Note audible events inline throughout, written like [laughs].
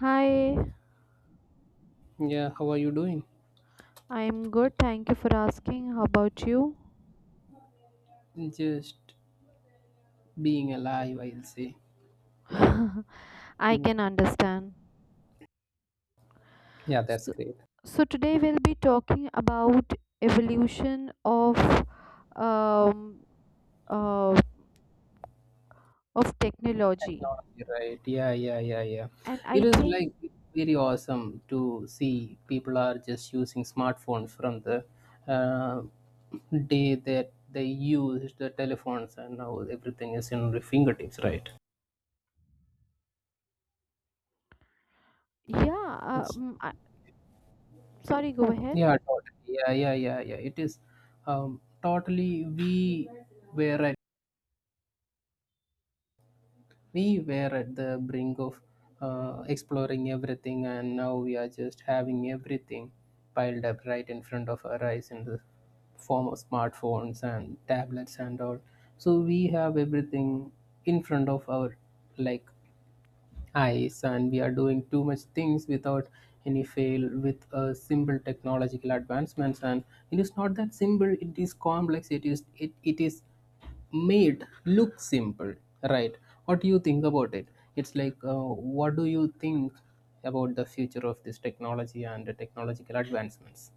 Hi, Yeah, how are you doing? I'm good. Thank you for asking. How about you? Just being alive, I'll say. [laughs] I Yeah, can understand. Yeah, that's So, great. so today we'll be talking about evolution um, uh, of technology. Technology, right? Yeah, yeah, yeah, yeah. And I It is think like very awesome to see people are just using smartphones from the uh, day that they used the telephones, and now everything is in the fingertips, right? yeah. It's Sorry, go ahead. yeah, totally. Yeah, yeah, yeah, yeah. It is totally. Were at we were at the brink of exploring everything, and now we are just having everything piled up right in front of our eyes in the form of smartphones and tablets and all. So we have everything in front of our like eyes, and we are doing too much things without any fail with a simple technological advancements. And it is not that simple, it is complex, it is made look simple, right? What do you think about it? It's like, what do you think about the future of this technology and the technological advancements?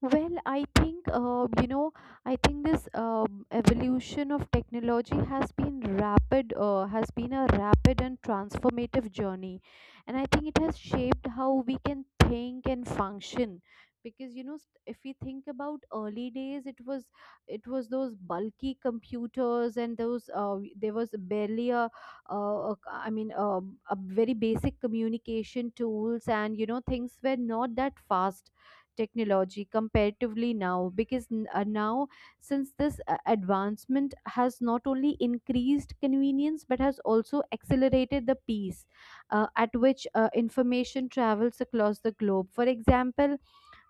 Well, I think, I think this evolution of technology has been rapid, has been a rapid and transformative journey. And I think it has shaped how we can think and function. Because, you know, if we think about early days, it was those bulky computers and those, there was barely a very basic communication tools and, you know, things were not that fast technology comparatively now because now since this advancement has not only increased convenience but has also accelerated the pace at which information travels across the globe. For example,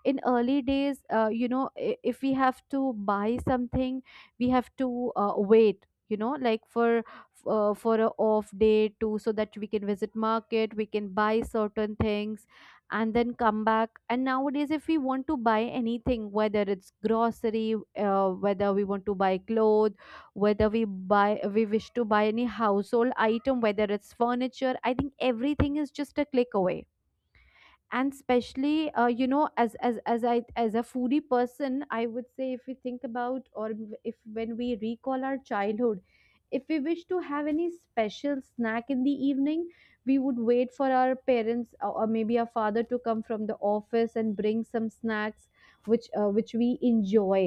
in early days, you know, if we have to buy something, we have to wait, you know, like for for a off day too, so that we can visit market, we can buy certain things and then come back. And nowadays, if we want to buy anything, whether it's grocery, whether we want to buy clothes, whether we buy we wish to buy any household item, whether it's furniture, I think everything is just a click away. And especially you know, as I as a foodie person, I would say, if we think about, or if when we recall our childhood, if we wish to have any special snack in the evening, we would wait for our parents, or maybe our father, to come from the office and bring some snacks which we enjoy.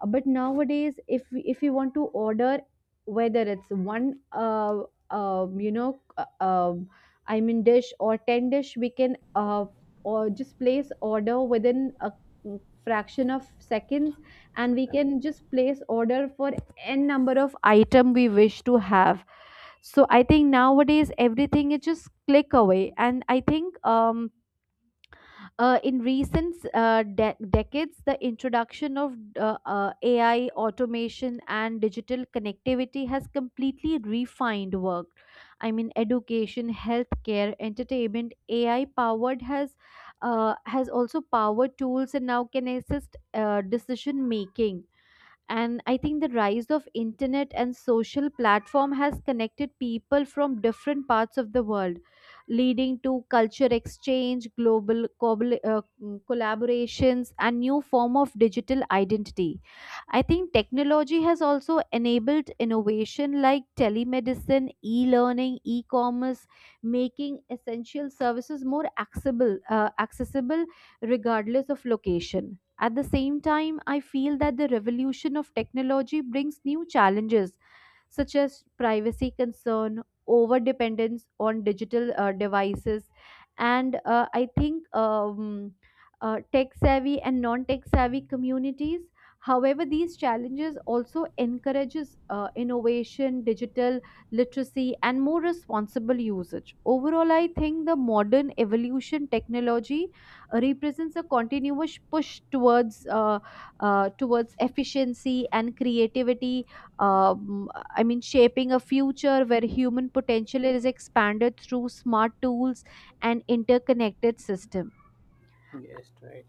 But nowadays, if we want to order, whether it's one uh, um, you know uh, um, I mean, dish or 10 dish, we can uh, or just place order within a fraction of seconds, and we can just place order for n number of item we wish to have. So I think nowadays everything is just click away. And I think in recent decades, the introduction of AI, automation, and digital connectivity has completely refined work. I mean, education, healthcare, entertainment. AI powered has also powered tools and now can assist decision making. And I think the rise of internet and social platform has connected people from different parts of the world, leading to culture exchange, global collaborations, and new form of digital identity. I think technology has also enabled innovation like telemedicine, e-learning, e-commerce, making essential services more accessible regardless of location. At the same time, I feel that the revolution of technology brings new challenges such as privacy concern, over dependence on digital devices, and I think tech savvy and non tech savvy communities. However, these challenges also encourages innovation, digital literacy, and more responsible usage. Overall, I think the modern evolution technology represents a continuous push towards towards efficiency and creativity. um, I mean, shaping a future where human potential is expanded through smart tools and interconnected systems. Yes, right.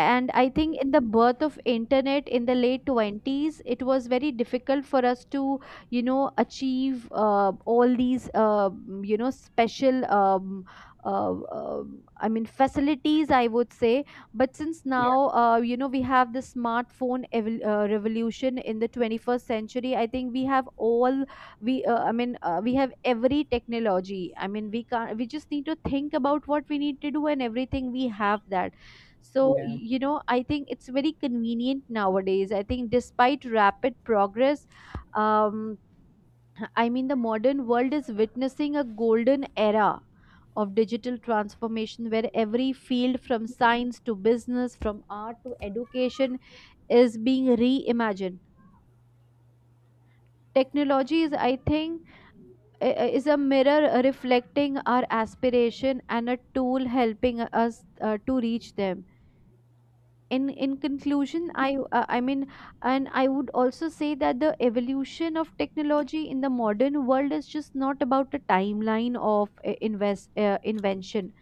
And I think in the birth of internet in the late 20s, it was very difficult for us to, you know, achieve all these you know special I mean facilities, I would say. But since Yeah. now, you know, we have the smartphone revolution in the 21st century. I think we have all we I mean, we have every technology. I mean, we can not, we just need to think about what we need to do, and everything we have that. So, Yeah. You know, I think it's very convenient nowadays. I think despite rapid progress, um, I mean, the modern world is witnessing a golden era of digital transformation where every field from science to business, from art to education, is being reimagined. Technology is, I think, is a mirror reflecting our aspiration and a tool helping us to reach them. In conclusion, I mean, and I would also say that the evolution of technology in the modern world is just not about a timeline of invest invention.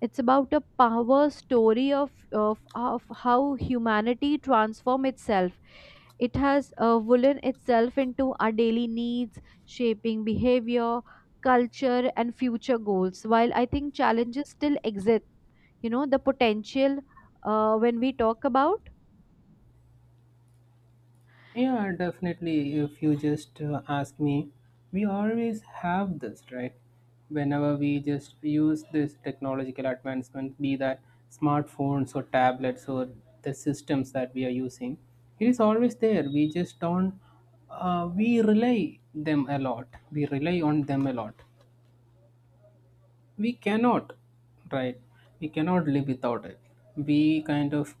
It's about a power story of how humanity transform itself. It has woven itself into our daily needs, shaping behavior, culture, and future goals. While I think challenges still exist, you know, the potential when we talk about. Yeah, definitely. If you just ask me, we always have this, right? Whenever we just use this technological advancement, be that smartphones or tablets or the systems that we are using, it is always there. We just don't, we rely them a lot. We rely on them a lot. We cannot, right? We cannot live without it. We kind of,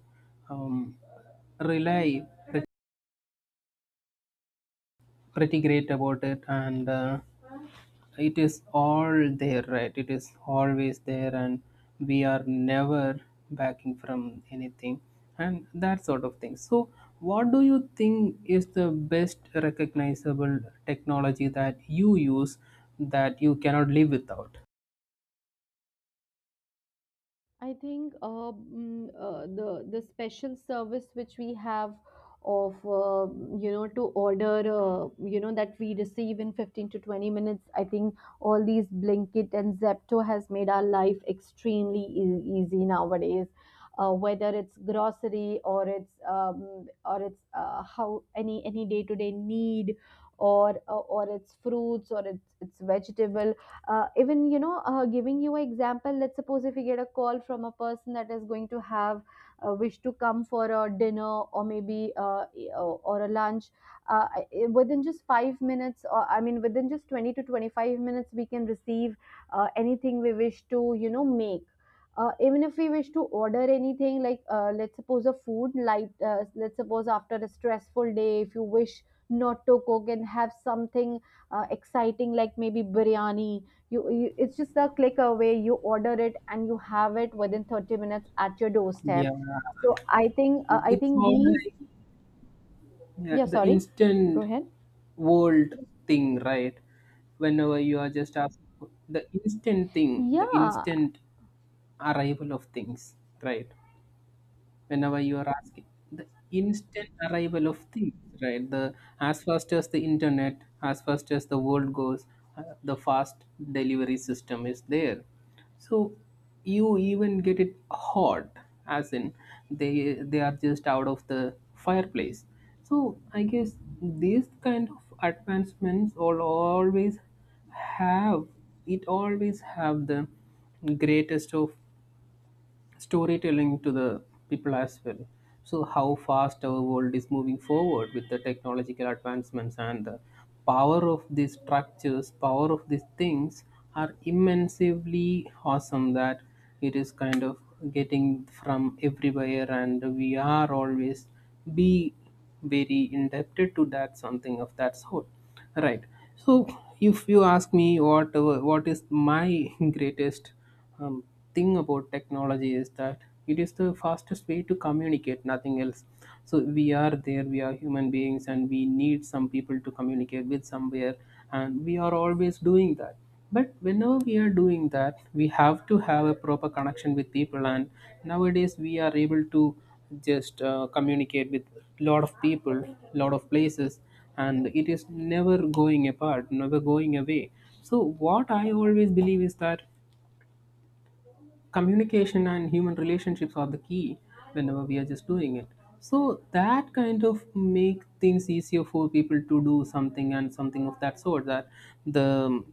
um, rely pretty great about it. And it is all there, right? It is always there, and we are never backing from anything and that sort of thing. So what do you think is the best recognizable technology that you use that you cannot live without? I think the special service which we have of you know, to order, you know, that we receive in 15 to 20 minutes, I think all these blinkit and zepto has made our life extremely easy nowadays. Whether it's grocery or it's how any day to day need, or it's fruits, or it's vegetable. Even, you know, giving you an example, let's suppose if you get a call from a person that is going to have wish to come for a dinner, or maybe or a lunch, uh, within just 5 minutes, or I mean within just 20 to 25 minutes, we can receive anything we wish to, you know, make. Even if we wish to order anything like, let's suppose a food, like let's suppose after a stressful day, if you wish not to cook and have something exciting like maybe biryani, you it's just a click away, you order it and you have it within 30 minutes at your doorstep. Yeah, So I think, uh, i it's think all these like, yeah, yeah, the sorry, go instant ahead. world thing, right? Whenever you are just asked the instant thing the Yeah. instant arrival of things right Whenever you are asking the instant arrival of things, right? The as fast as the internet, as fast as the world goes, the fast delivery system is there. So you even get it hot, as in they are just out of the fireplace. So I guess these kind of advancements all always have, it always have the greatest of storytelling to the people as well. So, how fast our world is moving forward with the technological advancements, and the power of these structures, power of these things, are immensely awesome that it is kind of getting from everywhere, and we are always be very indebted to that, something of that sort, right? So if you ask me what is my [laughs] greatest um, thing about technology, is that it is the fastest way to communicate, nothing else. So we are there, we are human beings, and we need some people to communicate with somewhere, and we are always doing that. But whenever we are doing that, we have to have a proper connection with people. And nowadays we are able to just communicate with lot of people, lot of places, and it is never going apart, never going away. So what I always believe is that communication and human relationships are the key whenever we are just doing it. So that kind of make things easier for people to do something and something of that sort, that the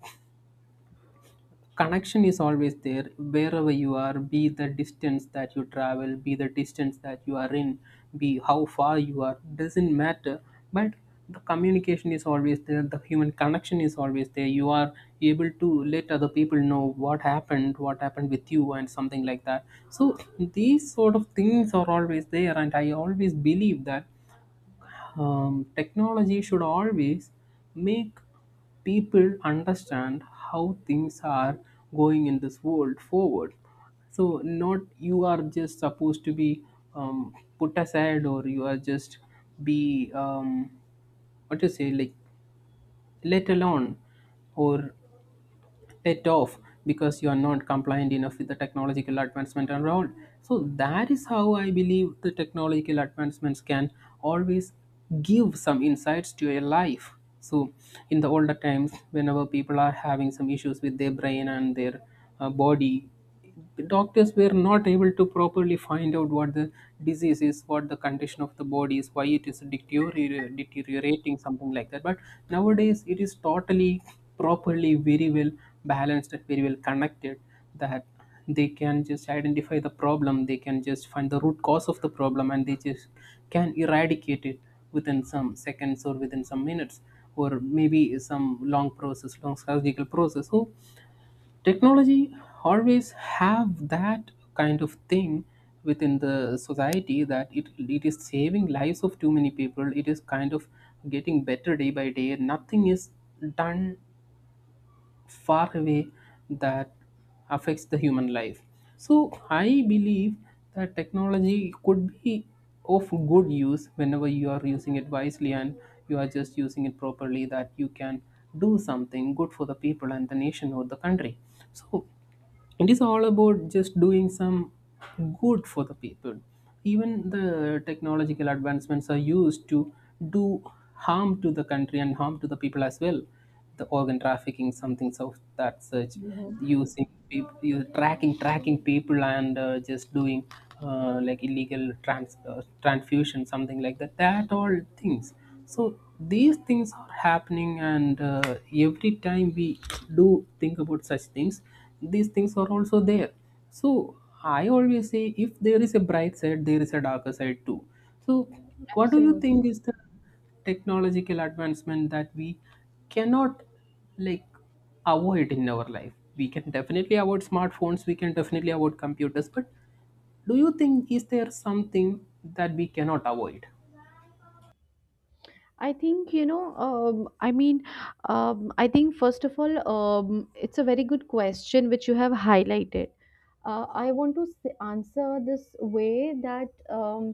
connection is always there wherever you are, be the distance that you travel, be the distance that you are in, be how far you are, doesn't matter. But the communication is always there, the human connection is always there. You are able to let other people know what happened, what happened with you and something like that. So these sort of things are always there, and I always believe that technology should always make people understand how things are going in this world forward. So, not you are just supposed to be, put aside, or you are just be, what to say, like let alone, or it off, because you are not compliant enough with the technological advancement around. So that is how I believe the technological advancements can always give some insights to your life. So in the older times, whenever people are having some issues with their brain and their body, doctors were not able to properly find out what the disease is, what the condition of the body is, why it is deteriorating, something like that. But nowadays, it is totally properly, very well balanced and very well connected, that they can just identify the problem, they can just find the root cause of the problem, and they just can eradicate it within some seconds or within some minutes, or maybe some long process, long surgical process. So technology always have that kind of thing within the society, that it is saving lives of too many people. It is kind of getting better day by day. Nothing is done far away that affects the human life. So I believe that technology could be of good use whenever you are using it wisely, and you are just using it properly, that you can do something good for the people and the nation or the country. So it is all about just doing some good for the people. Even the technological advancements are used to do harm to the country and harm to the people as well. The organ trafficking, something of that such, Mhm. using people, tracking people, and just doing, like illegal transfusion, something like that, that all things. So these things are happening, and every time we do think about such things, these things are also there. So I always say, if there is a bright side, there is a darker side too. So what do you Absolutely. think is the technological advancement that we cannot, like, avoid in our life? We can definitely avoid smartphones, we can definitely avoid computers, but do you think is there something that we cannot avoid? I think, you know, I mean, I think first of all, it's a very good question which you have highlighted. I want to answer this way that um,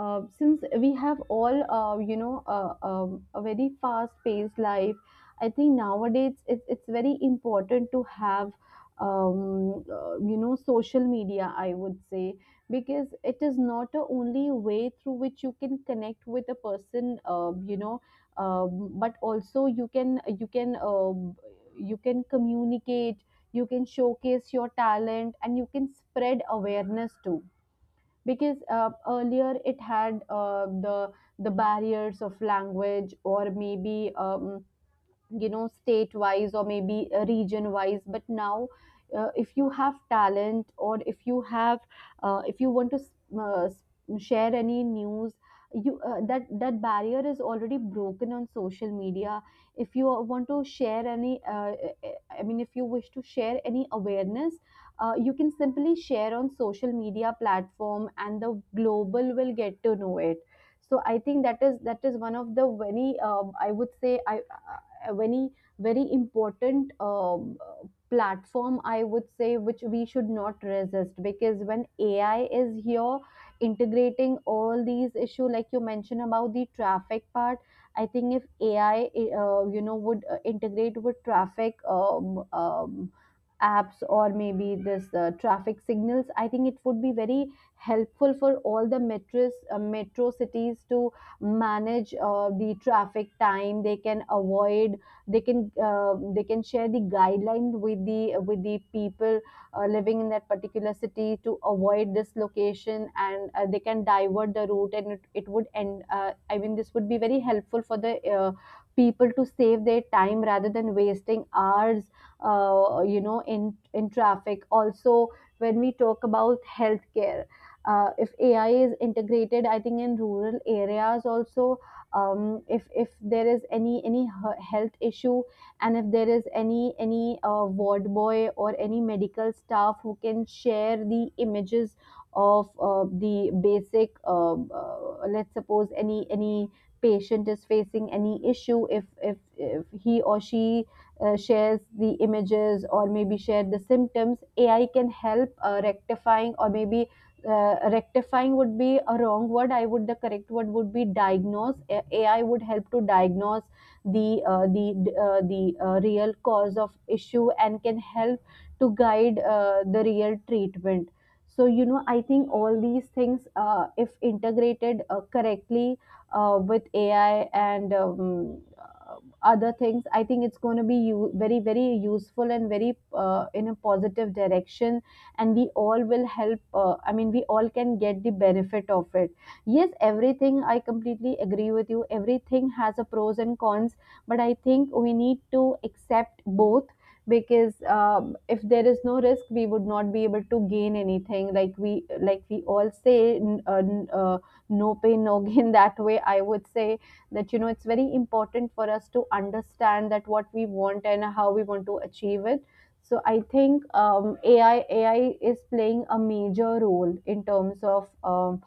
uh, since we have all you know a very fast paced life. I think nowadays it's very important to have you know, social media, I would say. Because it is not the only way through which you can connect with a person, you know, but also you can, you can communicate, you can showcase your talent, and you can spread awareness too. Because earlier it had the barriers of language, or maybe you know, state wise or maybe region wise. But now, if you have talent, or if you have if you want to uh, s- share any news, you that that barrier is already broken on social media. If you want to share any I mean if you wish to share any awareness, you can simply share on social media platform and the global will get to know it. So I think that is one of the very I would say, I a very very important platform, I would say, which we should not resist. Because when AI is here integrating all these issue like you mentioned about the traffic part, I think if AI you know would integrate with traffic apps, or maybe this traffic signals, I think it would be very helpful for all the metros metro cities to manage the traffic time. They can avoid, they can, they can share the guideline with the people living in that particular city to avoid dislocation. And they can divert the route, and it would end I mean this would be very helpful for the people to save their time rather than wasting hours you know in traffic also. When we talk about healthcare, if AI is integrated, I think in rural areas also, if there is any health issue, and if there is any ward boy or any medical staff who can share the images of the basic, let's suppose any patient is facing any issue, if he or she shares the images, or maybe share the symptoms, AI can help rectifying. Or maybe rectifying would be a wrong word. I would The correct word would be diagnose. AI would help to diagnose the uh, the the real cause of issue, and can help to guide the real treatment. So, you know, I think all these things if integrated correctly with AI and other things, I think it's going to be very very useful and very in a positive direction. And we all will help, I mean, we all can get the benefit of it. Yes, everything, I completely agree with you, everything has a pros and cons. But I think we need to accept both, because if there is no risk, we would not be able to gain anything. Like we, like we all say no pain no gain, [laughs] that way I would say. That, you know, it's very important for us to understand that what we want and how we want to achieve it. So I think AI is playing a major role in terms of um,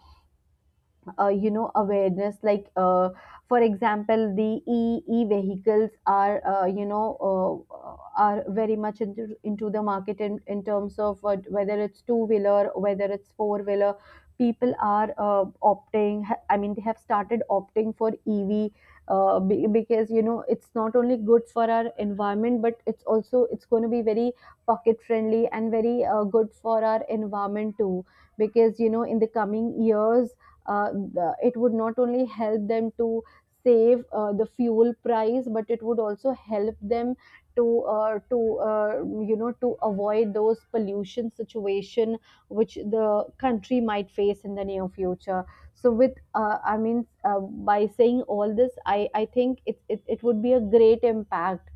uh, you know, awareness. Like, for example, the e vehicles are, you know, uh, uh, are very much into the market, in terms of, whether it's two wheeler, whether it's four wheeler, people are I mean they have started opting for ev, because, you know, it's not only good for our environment, but it's also it's going to be very pocket friendly, and very good for our environment too. Because, you know, in the coming years, it would not only help them to save the fuel price, but it would also help them to you know, to avoid those pollution situation which the country might face in the near future. So with, by saying all this, I think it would be a great impact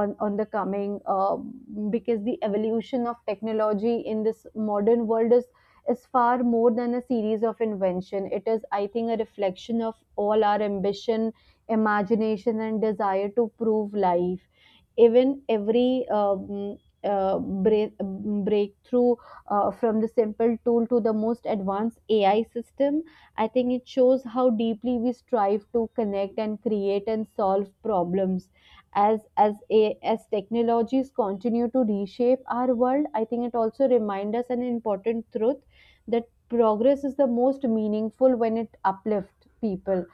on the coming because the evolution of technology in this modern world is far more than a series of invention. It is, I think, a reflection of all our ambition, imagination, and desire to prove life. Even every uh, break, breakthrough from the simple tool to the most advanced AI system, I think it shows how deeply we strive to connect and create and solve problems. As technologies continue to reshape our world, I think it also reminds us an important truth that progress is the most meaningful when it uplifts people,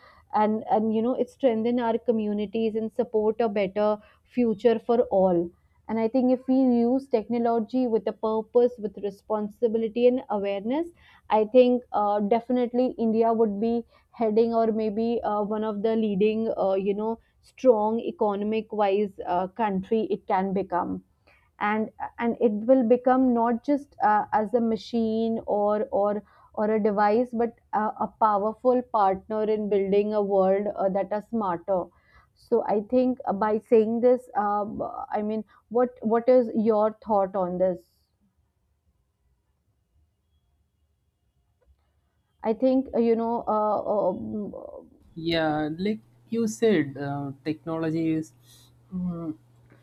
and you know, it strengthens our communities and support a better future for all. And I think if we use technology with a purpose, with responsibility and awareness, I think, definitely India would be heading, or maybe one of the leading, you know, strong economic wise country it can become. and and it will become not just as a machine, or a device, but a powerful partner in building a world that are smarter. So I think, by saying this, what is your thought on this? I think you know Yeah, like you said, technology is, mm,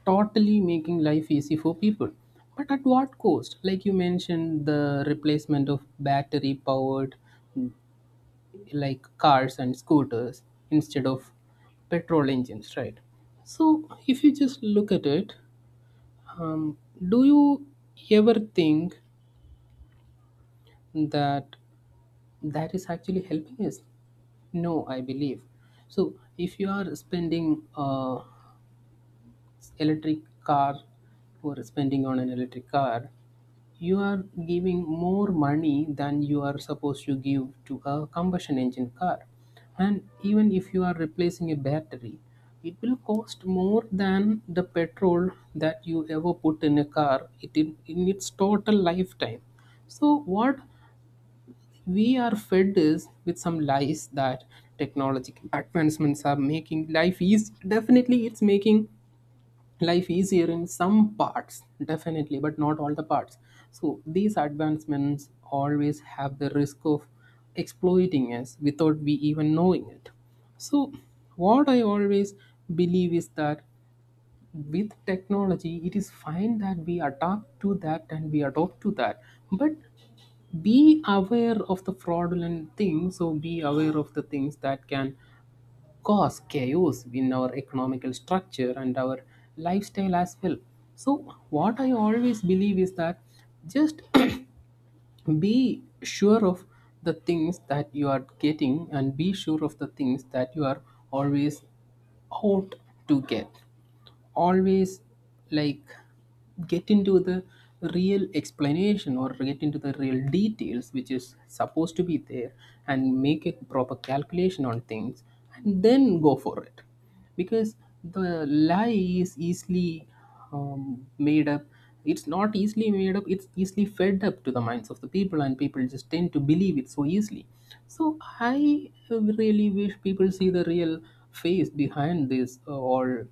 totally making life easy for people. But at what cost? Like you mentioned, the replacement of battery powered, mm, like, cars and scooters instead of petrol engines, right? So if you just look at it, um, do you ever think that that is actually helping us? No, I believe, so if you are spending electric car, or spending on an electric car, you are giving more money than you are supposed to give to a combustion engine car. And even if you are replacing a battery, it will cost more than the petrol that you ever put in a car it in its total lifetime. So what we are fed is with some lies that technological advancements are making life easy. Definitely it's making life easier in some parts, definitely, but not all the parts. So these advancements always have the risk of exploiting us without we even knowing it. So what I always believe is that with technology, it is fine that we adapt to that and we adopt to that. But be aware of the fraudulent things, or be aware of the things that can cause chaos in our economical structure and our lifestyle as well. So what I always believe is that, just [clears throat] be sure of the things that you are getting, and be sure of the things that you are always out to get. Always, like, get into the real explanation or get into the real details which is supposed to be there, and make a proper calculation on things, and then go for it. Because the lie is easily, made up. It's not easily made up, it's easily fed up to the minds of the people, and people just tend to believe it so easily. So I really wish people see the real face behind this, all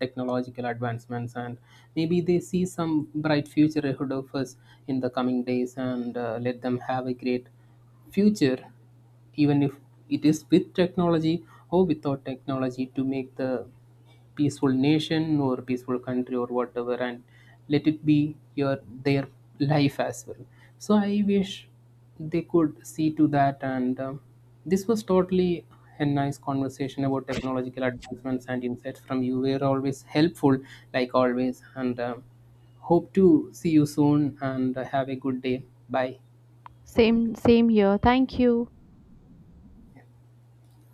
technological advancements, and maybe they see some bright future ahead of us in the coming days. And let them have a great future, even if it is with technology or without technology, to make the peaceful nation or peaceful country or whatever, and let it be your their life as well. So I wish they could see to that. And this was totally a nice conversation about technological advancements, and insights from you were always helpful, like always. And hope to see you soon, and have a good day, bye. Same, same here. Thank you.